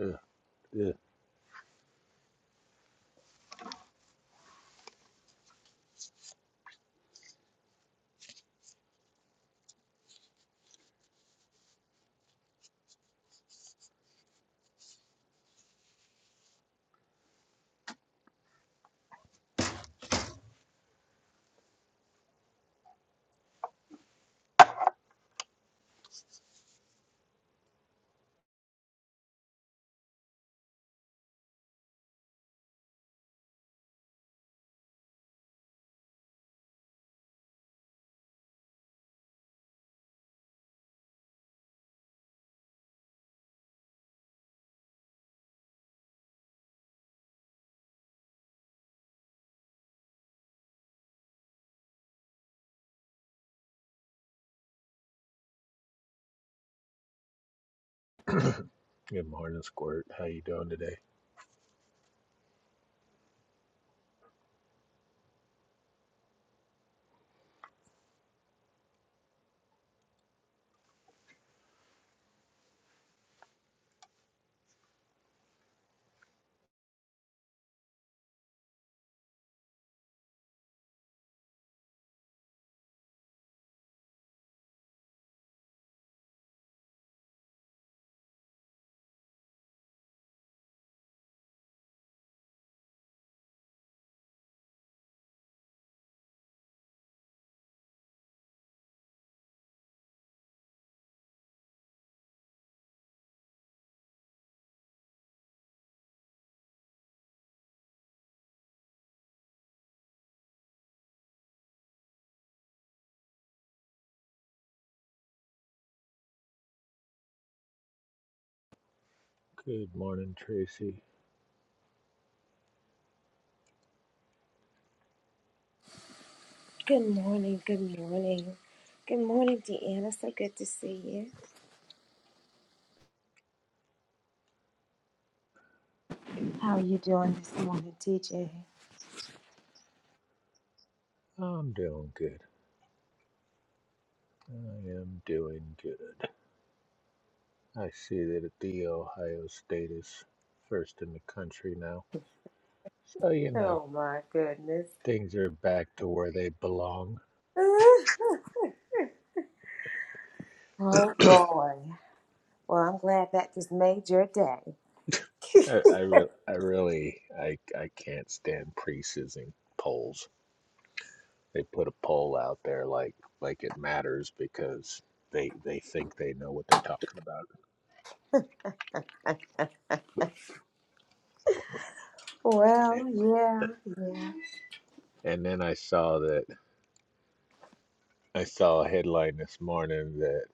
Ugh, ugh. Good morning, Squirt. How you doing today? Good morning, Tracy. Good morning, good morning. Good morning, Deanna. So good to see you. How are you doing this morning, TJ? I'm doing good. I am doing good. I see that the Ohio State is first in the country now, so you know Oh my goodness. things are back to where they belong. oh boy. Well, I'm glad that just made your day. I I, re- I really I I can't stand preseason polls. They put a poll out there like like it matters because they they think they know what they're talking about. well, yeah, yeah. And then I saw that. I saw a headline this morning that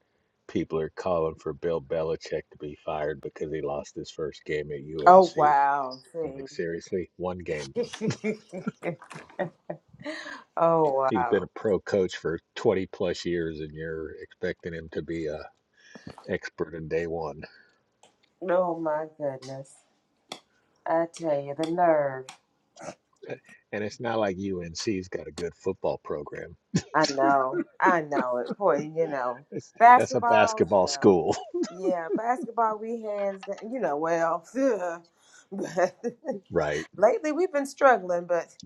people are calling for Bill Belichick to be fired because he lost his first game at Oh UNC. wow. I'm like, See. seriously? One game. oh He's wow. been a pro coach for 20 plus years and you're expecting him to be a expert in day one. Oh my goodness. I tell you, the nerve. And it's not like UNC's got a good football program. I know. I know it. Boy, you know. It's, that's a Basketballs, you basketball know. school, Yeah, basketball we hands down. You know, well, but right? lately we've been struggling. But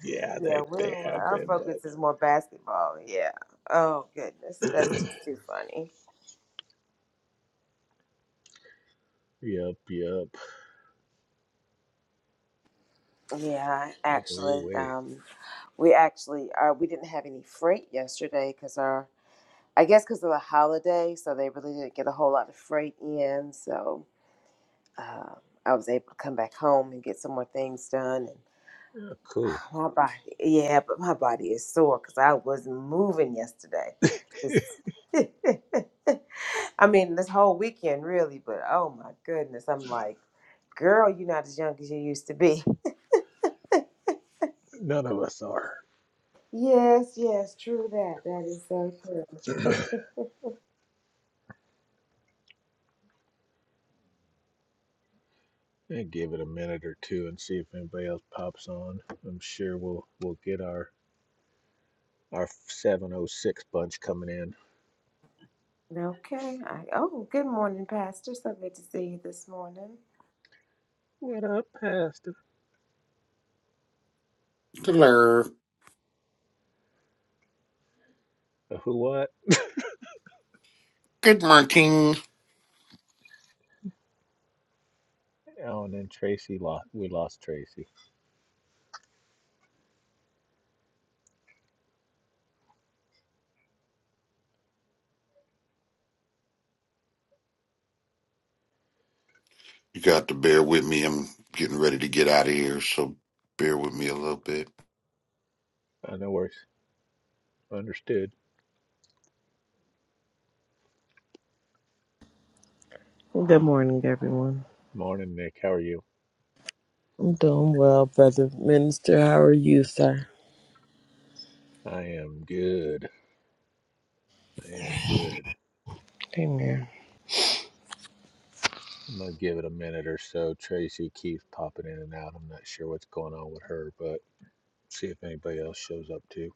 Yeah, yeah, they, they we're have our been, but focus is more basketball. Yeah. Oh goodness, that's just too funny. yep, yep. Yeah, Yeah, we actually, wait. um, we actually uh, we didn't have any freight yesterday because our I guess because of the holiday, so they really didn't get a whole lot of freight in. So uh, I was able to come back home and get some more things done. Yeah, cool. My body, yeah, but my body is sore because I wasn't moving yesterday. This, I mean, this whole weekend really, but oh my goodness, I'm like, girl, you're not as young as you used to be. None of us are. Yes, yes, true that. That is so true. And give it a minute or two and see if anybody else pops on. I'm sure we'll we'll get our our 706 bunch coming in. Okay. I, oh, good morning, Pastor. So good to see you this morning. What up, Pastor? Hello. Uh, Who what? Good morning. Oh, and then Tracy lost. We lost Tracy. You got to bear with me. I'm getting ready to get out of here, so bear with me a little bit. Uh, no worries. Understood. Good morning, everyone. Morning, Nick. How are you? I'm doing well, Brother Minister. How are you, sir? I am good. I am good. Amen. I'm gonna give it a minute or so. Tracy keeps popping in and out. I'm not sure what's going on with her, but see if anybody else shows up too.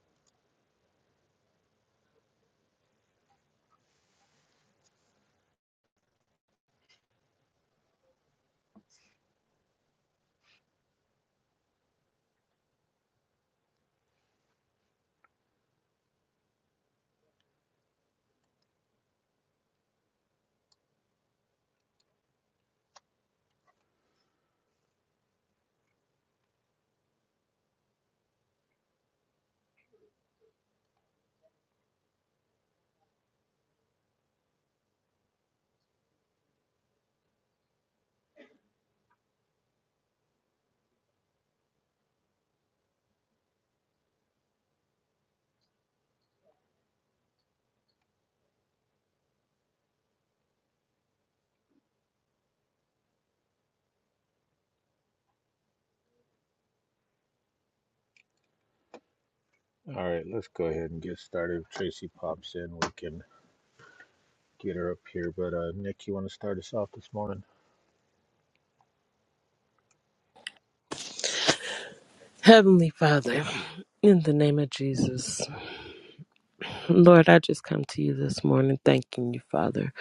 All right, let's go ahead and get started. If Tracy pops in, we can get her up here. But uh, Nick, you want to start us off this morning? Heavenly Father, in the name of Jesus, Lord, I just come to you this morning thanking you, Father,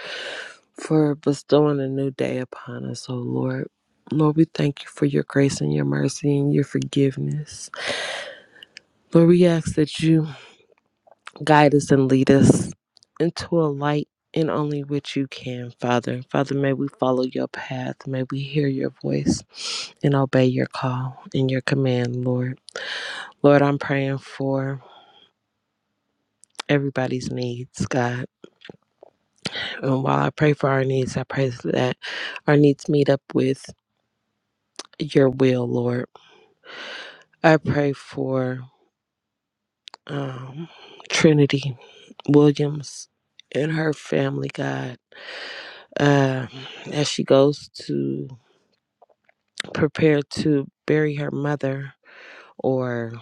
for bestowing a new day upon us, oh Lord. Lord, we thank you for your grace and your mercy and your forgiveness. Lord, we ask that you Guide us and lead us into a light and only which you can, Father. Father, may we follow your path. May we hear your voice and obey your call and your command, Lord. Lord, I'm praying for everybody's needs, God. And while I pray for our needs, I pray that our needs meet up with your will, Lord. I pray for um, Trinity Williams and her family, God, uh, as she goes to prepared to bury her mother or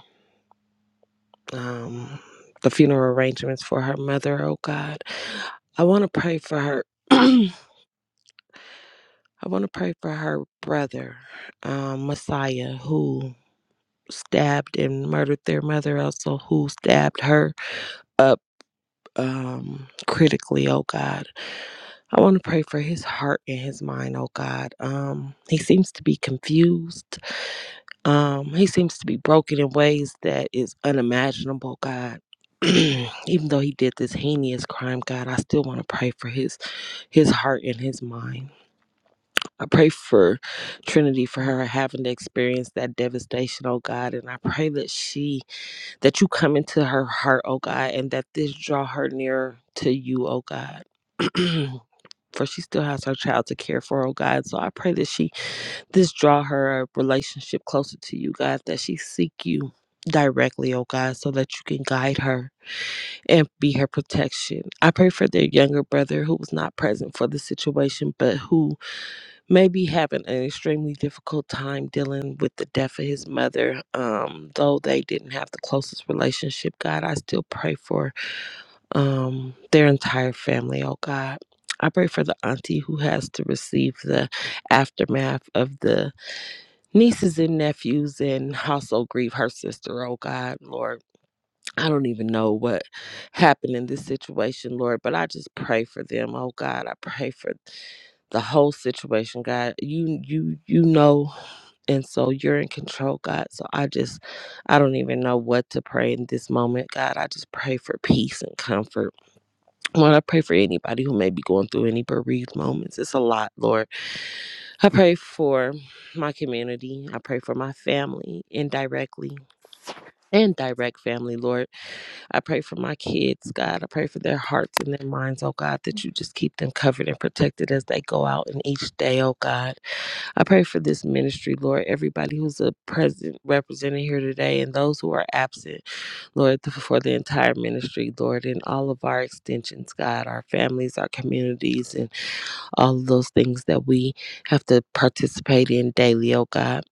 um, the funeral arrangements for her mother, oh God. I want to pray for her. I want to pray for her brother, um, Messiah, who stabbed and murdered their mother, also who stabbed her up um, critically, oh God. I want to pray for his heart and his mind, oh God. Um, he seems to be confused Um, he seems to be broken in ways that is unimaginable, God. Even though he did this heinous crime, God, I still want to pray for his his heart and his mind. I pray for Trinity for her having to experience that devastation, oh God, and I pray that she that you come into her heart, oh God, and that this draw her nearer to you, oh God. for she still has her child to care for, oh God. So I pray that she this draw her a relationship closer to you, God, that she seek you directly, oh God, so that you can guide her and be her protection. I pray for their younger brother who was not present for the situation, but who may be having an extremely difficult time dealing with the death of his mother. Um, though they didn't have the closest relationship, God, I still pray for um their entire family, oh God. I pray for the auntie who has to receive the aftermath of the nieces and nephews and household grieve her sister oh god lord i don't even know what happened in this situation lord but i just pray for them oh god i pray for the whole situation god you you you know and so you're in control god so i just i don't even know what to pray in this moment god i just pray for peace and comfort lord i pray for anybody who may be going through any bereaved moments it's a lot lord I pray for my community. I pray for my family indirectly and direct family, Lord. I pray for my kids, God. I pray for their hearts and their minds, oh God, that you just keep them covered and protected as they go out in each day, oh God. I pray for this ministry, Lord. Everybody who's a present represented here today and those who are absent, Lord, th- for the entire ministry, Lord, and all of our extensions, God, our families, our communities, and all of those things that we have to participate in daily, oh God.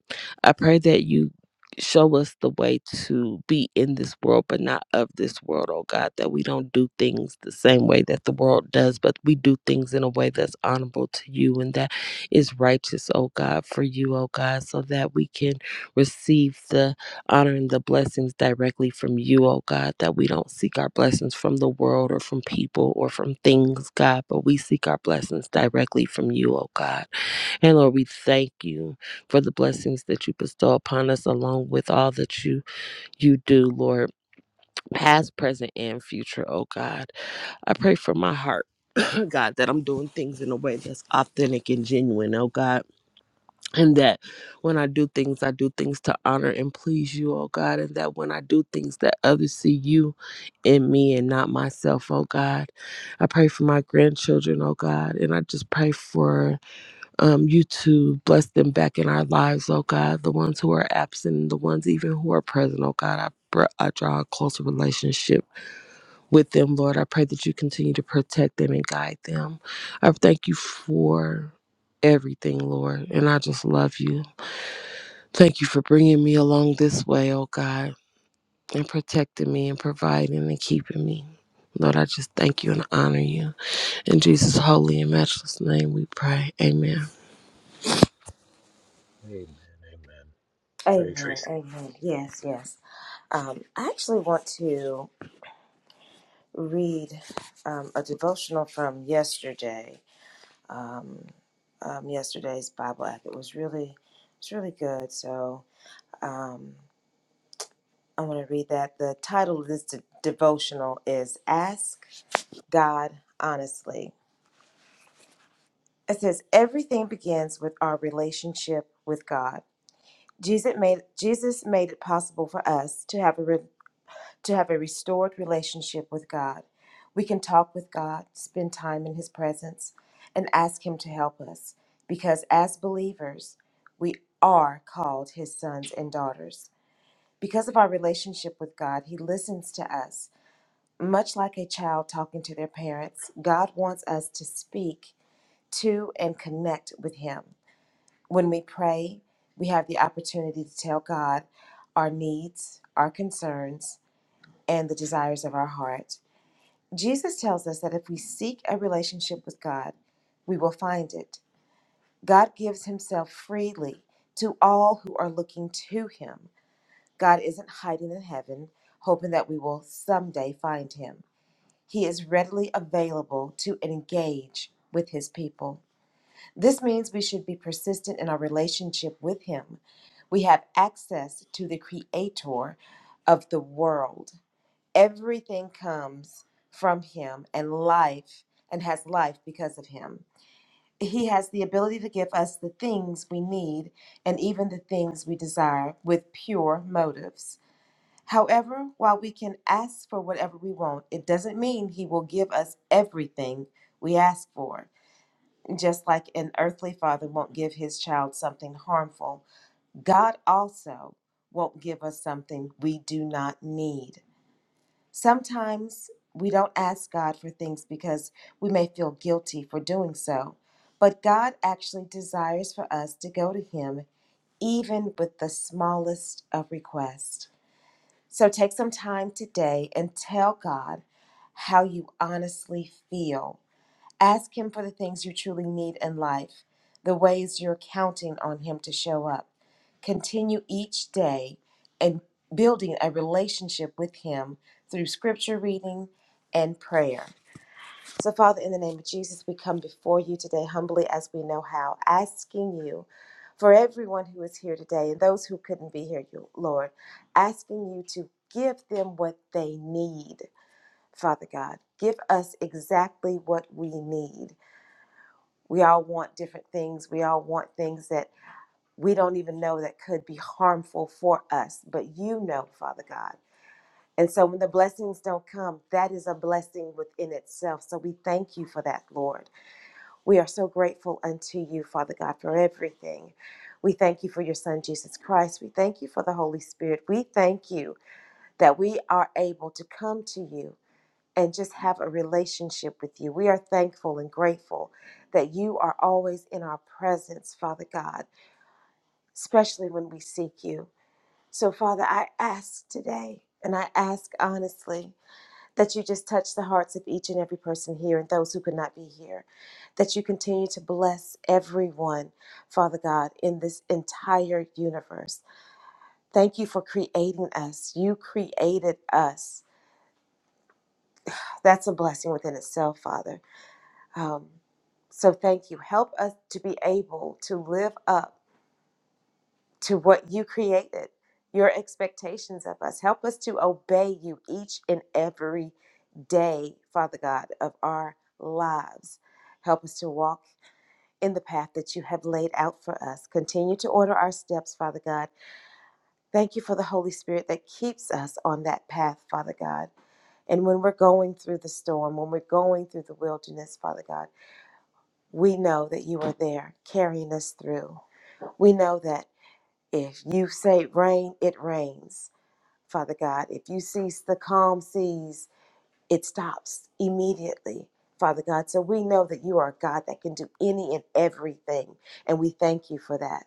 I pray that you show us the way to be in this world, but not of this world, oh God, that we don't do things the same way that the world does, but we do things in a way that's honorable to you and that is righteous, oh God, for you, oh God, so that we can receive the honoring the blessings directly from you, oh God, that we don't seek our blessings from the world or from people or from things, God, but we seek our blessings directly from you, oh God. And Lord, we thank you for the blessings that you bestow upon us along with all that you you do, Lord, past, present, and future, oh God. I pray for my heart. God, that I'm doing things in a way that's authentic and genuine, oh God and that when I do things, I do things to honor and please you, oh God, and that when I do things, that others see you in me and not myself, oh God. I pray for my grandchildren, oh God, and I just pray for um, you to bless them back in our lives, oh God, the ones who are absent, and the ones even who are present, oh God. I br- I draw a closer relationship with them, Lord. I pray that you continue to protect them and guide them. I thank you for everything, Lord, and I just love you. Thank you for bringing me along this way, oh God, and protecting me and providing and keeping me. Lord, I just thank you and honor you. In Jesus' holy and matchless name we pray. Amen. Amen. Amen. Amen. Tracy. Tracy. Amen. Yes, yes. Um, I actually want to. read um, a devotional from yesterday. Um, um, yesterday's Bible app. It was really, it's really good. So um, I'm going to read that. The title of this de- devotional is "Ask God Honestly." It says everything begins with our relationship with God. Jesus made Jesus made it possible for us to have a to have a restored relationship with God. We can talk with God, spend time in His presence, and ask Him to help us because as believers, we are called His sons and daughters. Because of our relationship with God, He listens to us. Much like a child talking to their parents, God wants us to speak to and connect with Him. When we pray, we have the opportunity to tell God our needs, our concerns, and the desires of our heart. Jesus tells us that if we seek a relationship with God, we will find it. God gives himself freely to all who are looking to him. God isn't hiding in heaven, hoping that we will someday find him. He is readily available to engage with his people. This means we should be persistent in our relationship with him. We have access to the creator of the world. Everything comes from him and life and has life because of him. He has the ability to give us the things we need and even the things we desire with pure motives. However, while we can ask for whatever we want, it doesn't mean he will give us everything we ask for. Just like an earthly father won't give his child something harmful, God also won't give us something we do not need. Sometimes we don't ask God for things because we may feel guilty for doing so, but God actually desires for us to go to Him even with the smallest of requests. So take some time today and tell God how you honestly feel Ask Him for the things you truly need in life, the ways you're counting on Him to show up. Continue each day and building a relationship with Him through scripture reading and prayer. So, Father, in the name of Jesus, we come before you today humbly as we know how, asking you for everyone who is here today and those who couldn't be here, you- Lord, asking you to give them what they need, Father God. Give us exactly what we need we all want different things. We all want things that we don't even know that could be harmful for us, but you know, Father God. And so when the blessings don't come, that is a blessing within itself. So we thank you for that, Lord. We are so grateful unto you, Father God, for everything. We thank you for your Son, Jesus Christ. We thank you for the Holy Spirit. We thank you that we are able to come to you and just have a relationship with you. We are thankful and grateful that you are always in our presence, Father God, especially when we seek you. So, Father, I ask today, and I ask honestly, that you just touch the hearts of each and every person here and those who could not be here, that you continue to bless everyone, Father God, in this entire universe. Thank you for creating us. You created us. That's a blessing within itself, Father. Um, so thank you. Help us to be able to live up to what you created, your expectations of us. Help us to obey you each and every day, Father God, of our lives. Help us to walk in the path that you have laid out for us. Continue to order our steps, Father God. Thank you for the Holy Spirit that keeps us on that path, Father God. And when we're going through the storm, when we're going through the wilderness, Father God, We know that you are there carrying us through. We know that if you say rain, it rains, Father God. If you cease the calm seas, it stops immediately, Father God. So we know that you are a God that can do any and everything. And we thank you for that.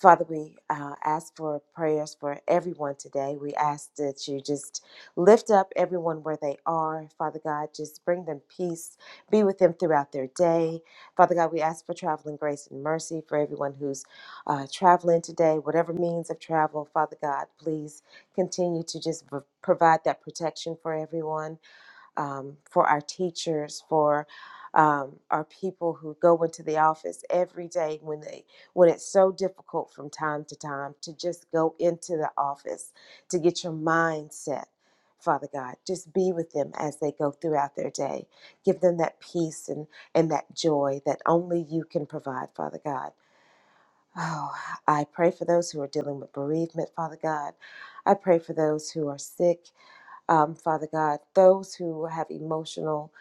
Father, we uh, ask for prayers for everyone today. We ask that you just lift up everyone where they are. Father God, just bring them peace. Be with them throughout their day. Father God, we ask for traveling grace and mercy for everyone who's uh, traveling today, whatever means of travel. Father God, please continue to just pro- provide that protection for everyone um, for our teachers, for um, our people who go into the office every day when they when it's so difficult from time to time to just go into the office to get your mindset. Father God, just be with them as they go throughout their day. Give them that peace and, and that joy that only you can provide, Father God. Oh, I pray for those who are dealing with bereavement, Father God. I pray for those who are sick um, Father God, those who have emotional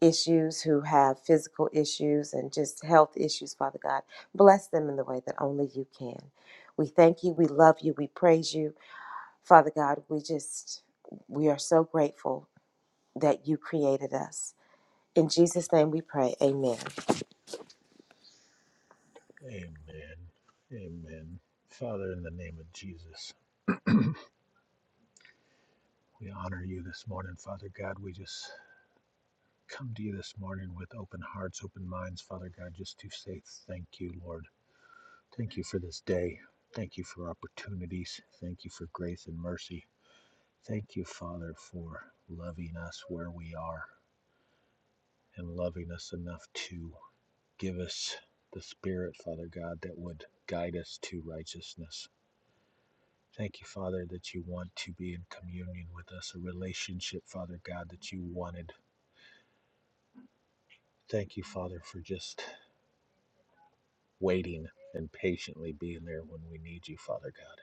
issues, who have physical issues, and just health issues, Father God, bless them in the way that only you can. We thank you, we love you, we praise you. Father God, we just, we are so grateful that you created us. In Jesus' name we pray, amen. Amen. Amen. Father, in the name of Jesus, we honor you this morning, Father God. We just come to you this morning with open hearts, open minds, Father God, just to say thank you, Lord. Thank you for this day. Thank you for opportunities. Thank you for grace and mercy. Thank you, Father, for loving us where we are and loving us enough to Give us the Spirit, Father God, that would guide us to righteousness. Thank you, Father, that you want to be in communion with us, a relationship, Father God, that you wanted. Thank you, Father, for just waiting and patiently being there when we need you, Father God,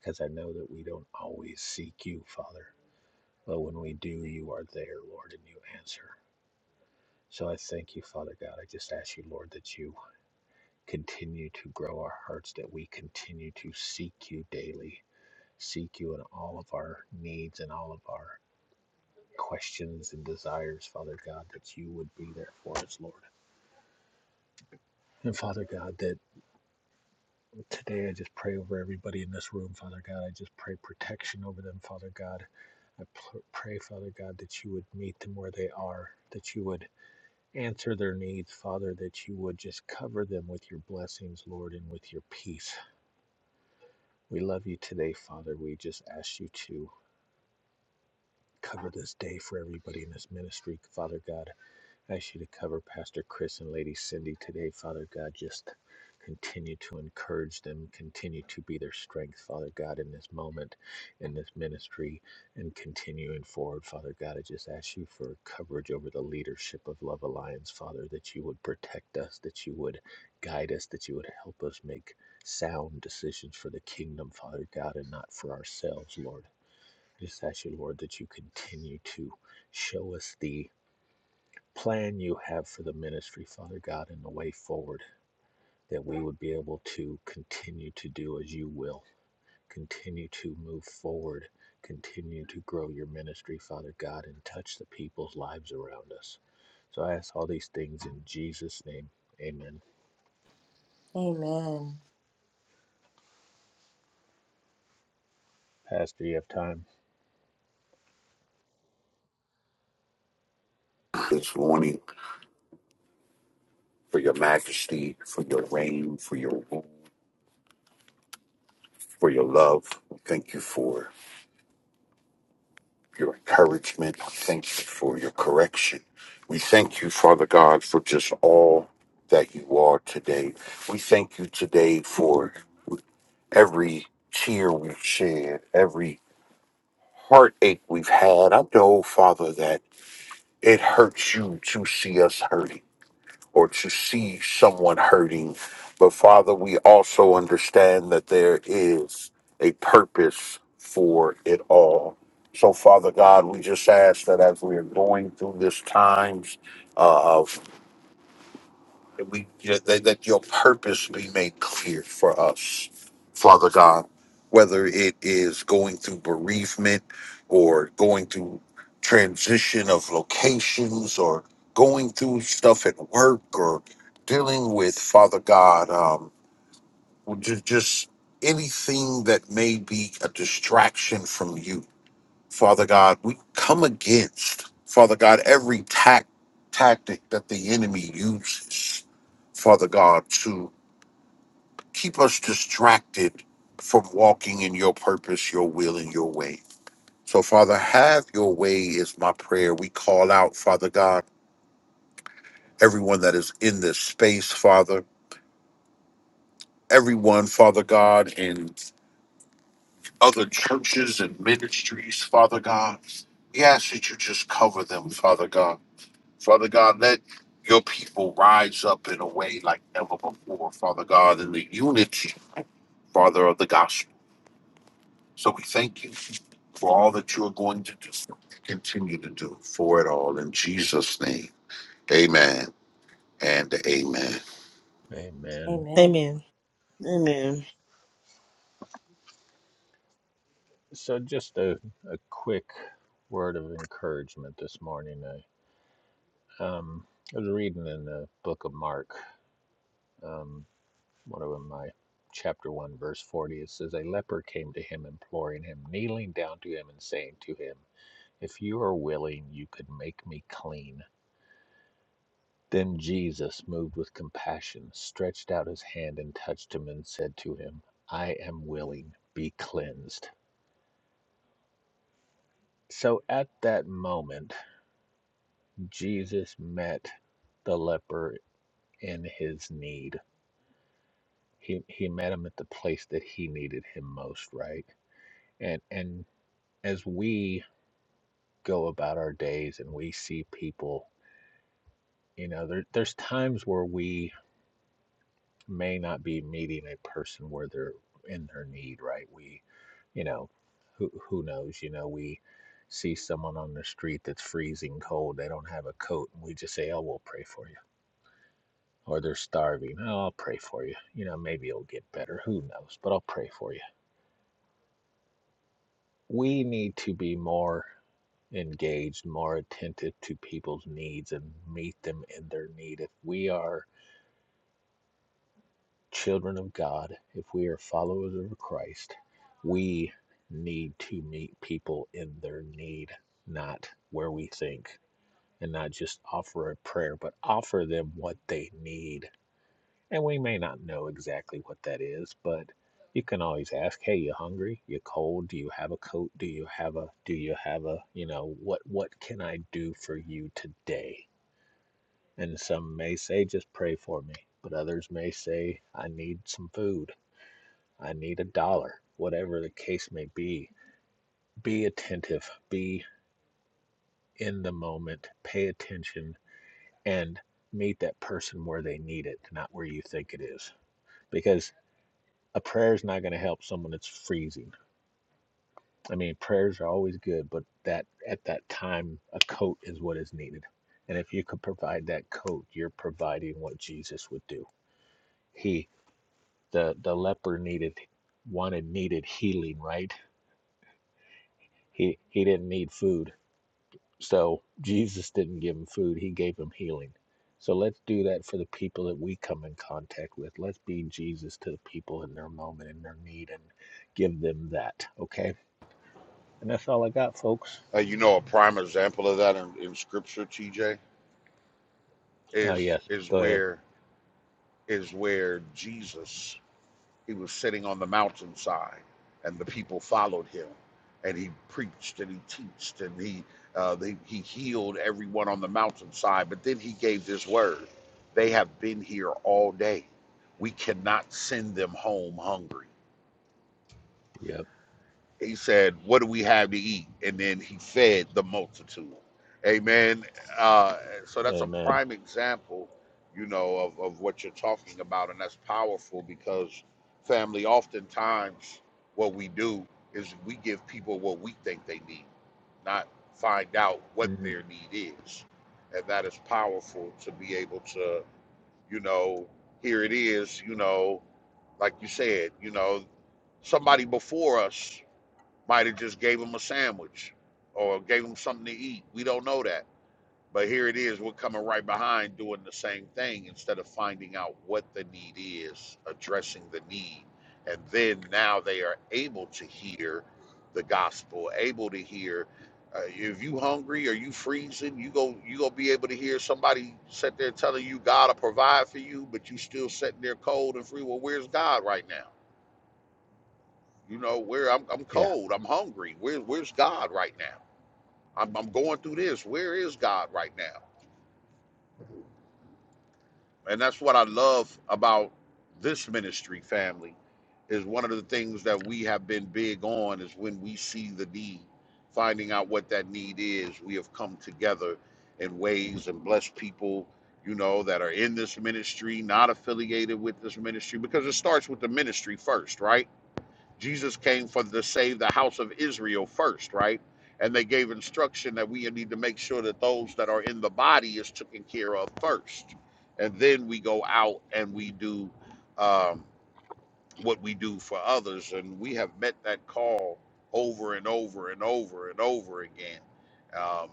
because I know that we don't always seek you, Father, but when we do, you are there, Lord, and you answer. So I thank you, Father God. I just ask you, Lord, that you continue to grow our hearts, that we continue to seek you daily, seek you in all of our needs and all of our questions and desires, Father God, that you would be there for us, Lord. And Father God, that today I just pray over everybody in this room, Father God. I just pray protection over them, Father God. I pray, Father God, that you would meet them where they are, that you would answer their needs, Father, that you would just cover them with your blessings, Lord, and with your peace. We love you today, Father. We just ask you to cover this day for everybody in this ministry, Father God. I ask you to cover Pastor Chris and Lady Cindy today, Father God. Just continue to encourage them, continue to be their strength, Father God, in this moment, in this ministry, and continuing forward, Father God. I just ask you for coverage over the leadership of Love Alliance, Father, that you would protect us, that you would guide us, that you would help us make sound decisions for the kingdom, Father God, and not for ourselves, Lord. Just ask you, Lord, that you continue to show us thee plan you have for the ministry, Father God, and the way forward, that we would be able to continue to do as you will, continue to move forward, continue to grow your ministry, Father God, and touch the people's lives around us. So I ask all these things in Jesus' name. Amen. Amen. Pastor, you have time? This morning, for your majesty, for your reign, for your rule, for your love. We Thank you for your encouragement. We Thank you for your correction. We thank you, Father God, for just all that you are today. We thank you today for every tear we've shed, every heartache we've had. I know, Father, that. it hurts you to see us hurting or to see someone hurting. But Father, we also understand that there is a purpose for it all. So, Father God, we just ask that as we are going through this times that we that, that your purpose be made clear for us, Father God, whether it is going through bereavement or going through transition of locations or going through stuff at work or dealing with Father God, um, just, just anything that may be a distraction from you. Father God, we come against, Father God, every tac- tactic that the enemy uses, Father God, to keep us distracted from walking in your purpose, your will, and your way. So, Father, have your way is my prayer. We call out, Father God, everyone that is in this space, Father, everyone, Father God, in other churches and ministries, Father God. We ask that you just cover them, Father God. Father God, let your people rise up in a way like never before, Father God, in the unity, Father, of the gospel. So we thank you for all that you are going to do, continue to do for it all. In Jesus' name, amen and amen. Amen. Amen. Amen. Amen. So just a, a quick word of encouragement this morning. I, um, I was reading in the book of Mark. Um, One of them, my chapter 1, verse 40, it says, A leper came to him, imploring him, kneeling down to him, and saying to him, If you are willing, you could make me clean. Then Jesus, moved with compassion, stretched out his hand and touched him and said to him, I am willing, be cleansed. So at that moment, Jesus met the leper in his need. He, he met him at the place that he needed him most, right? And and as we go about our days and we see people, you know, there, there's times where we may not be meeting a person where they're in their need, right? We, you know, who, who knows, you know, we see someone on the street that's freezing cold, they don't have a coat, and we just say, oh, we'll pray for you. Or they're starving, oh, I'll pray for you. You know, maybe it'll get better, who knows, but I'll pray for you. We need to be more engaged, more attentive to people's needs and meet them in their need. If we are children of God, if we are followers of Christ, we need to meet people in their need, not where we think, and not just offer a prayer, but offer them what they need. And we may not know exactly what that is, but you can always ask, "Hey, you hungry? You cold? Do you have a coat? Do you have a do you have a, you know, what what can I do for you today?" And some may say, "Just pray for me." But others may say, "I need some food." I need a dollar, whatever the case may be. Be attentive, be in the moment, pay attention, and meet that person where they need it, not where you think it is. Because a prayer is not going to help someone that's freezing. I mean, prayers are always good, but that at that time, a coat is what is needed. And if you could provide that coat, you're providing what Jesus would do. He, the the leper needed, wanted needed healing, right? He he didn't need food So Jesus didn't give him food, he gave him healing. So let's do that for the people that we come in contact with. Let's be Jesus to the people in their moment, in their need, and give them that. Okay? And that's all I got, folks. Uh, you know, a prime example of that in, in scripture, TJ, Uh, is yes, is go ahead. where is where Jesus He was sitting on the mountainside, and the people followed him. And he preached and he teached and he uh, they, he healed everyone on the mountainside. But then he gave this word: They have been here all day. We cannot send them home hungry Yep. he said, What do we have to eat? And then he fed the multitude. Amen. Uh, so that's a Amen. prime example, you know, of, of what you're talking about. And that's powerful because, family, oftentimes what we do is we give people what we think they need, not find out what Mhm. their need is. And that is powerful to be able to, you know, here it is, you know, like you said, you know, somebody before us might have just gave him a sandwich or gave him something to eat. We don't know that. But here it is. We're coming right behind doing the same thing instead of finding out what the need is, addressing the need. And then now they are able to hear the gospel, able to hear. Uh, if you hungry or you freezing, you go you gonna be able to hear somebody sit there telling you God will provide for you, but you still sitting there cold and free. Well, where's God right now? You know, where I'm, I'm Yeah. cold, I'm hungry. Where, where's God right now? I'm, I'm going through this. Where is God right now? And that's what I love about this ministry family is one of the things that we have been big on is when we see the need, finding out what that need is. We have come together in ways and blessed people, you know, that are in this ministry, not affiliated with this ministry, because it starts with the ministry first, right? Jesus came for to save the house of Israel first, right? And they gave instruction that we need to make sure that those that are in the body is taken care of first, and then we go out and we do um, what we do for others. And we have met that call over and over and over and over again. Um,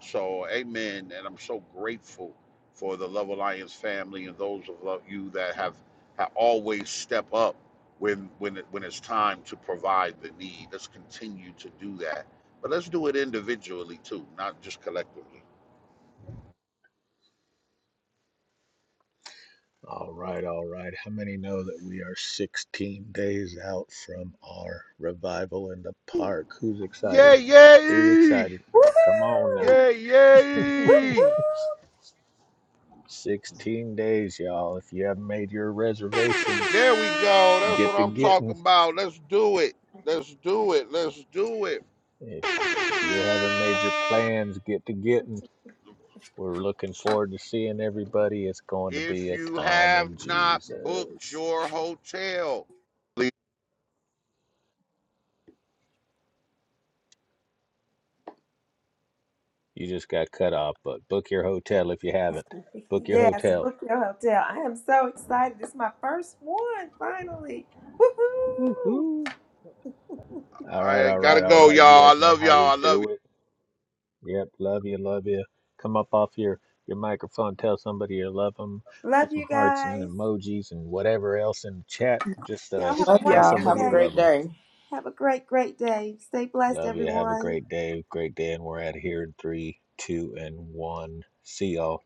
so, amen. And I'm so grateful for the Love Alliance family and those of lo- you that have, have always step up when, when, it, when it's time to provide the need. Let's continue to do that. But let's do it individually too, not just collectively. All right, all right. How many know that we are 16 days out from our revival in the Ooh, park? Who's excited? Yay, Who's yay! excited? Come on now. Woohoo! Yay, Whoop yay! whoop! 16 days, y'all. If you haven't made your reservations, There we go. That's get what to I'm getting. talking about. Let's do it. Let's do it. Let's do If you haven't made your it. plans, get to getting. We're looking forward to seeing everybody. It's going to if be a you time in have not booked Jesus. your hotel. You just got cut off, but book your hotel if you haven't. Book your Yes, hotel. book your hotel. I am so excited. It's my first one finally. Woohoo! Woohoo. All right, I all gotta right, all go, right. You y'all. guys I know love how y'all. we I love y'all. do it. Yep, love you, love you. Come up off your your microphone, tell somebody you love them, put Love some you hearts and guys. emojis and whatever else in the chat. Just Y'all uh, have a Love tell y'all. wonderful Have somebody a you day. love great them. day. Have a great, great day. Stay blessed, Love you. Have a everyone. great day. Great day, and we're out of here in three, two, and one. See y'all.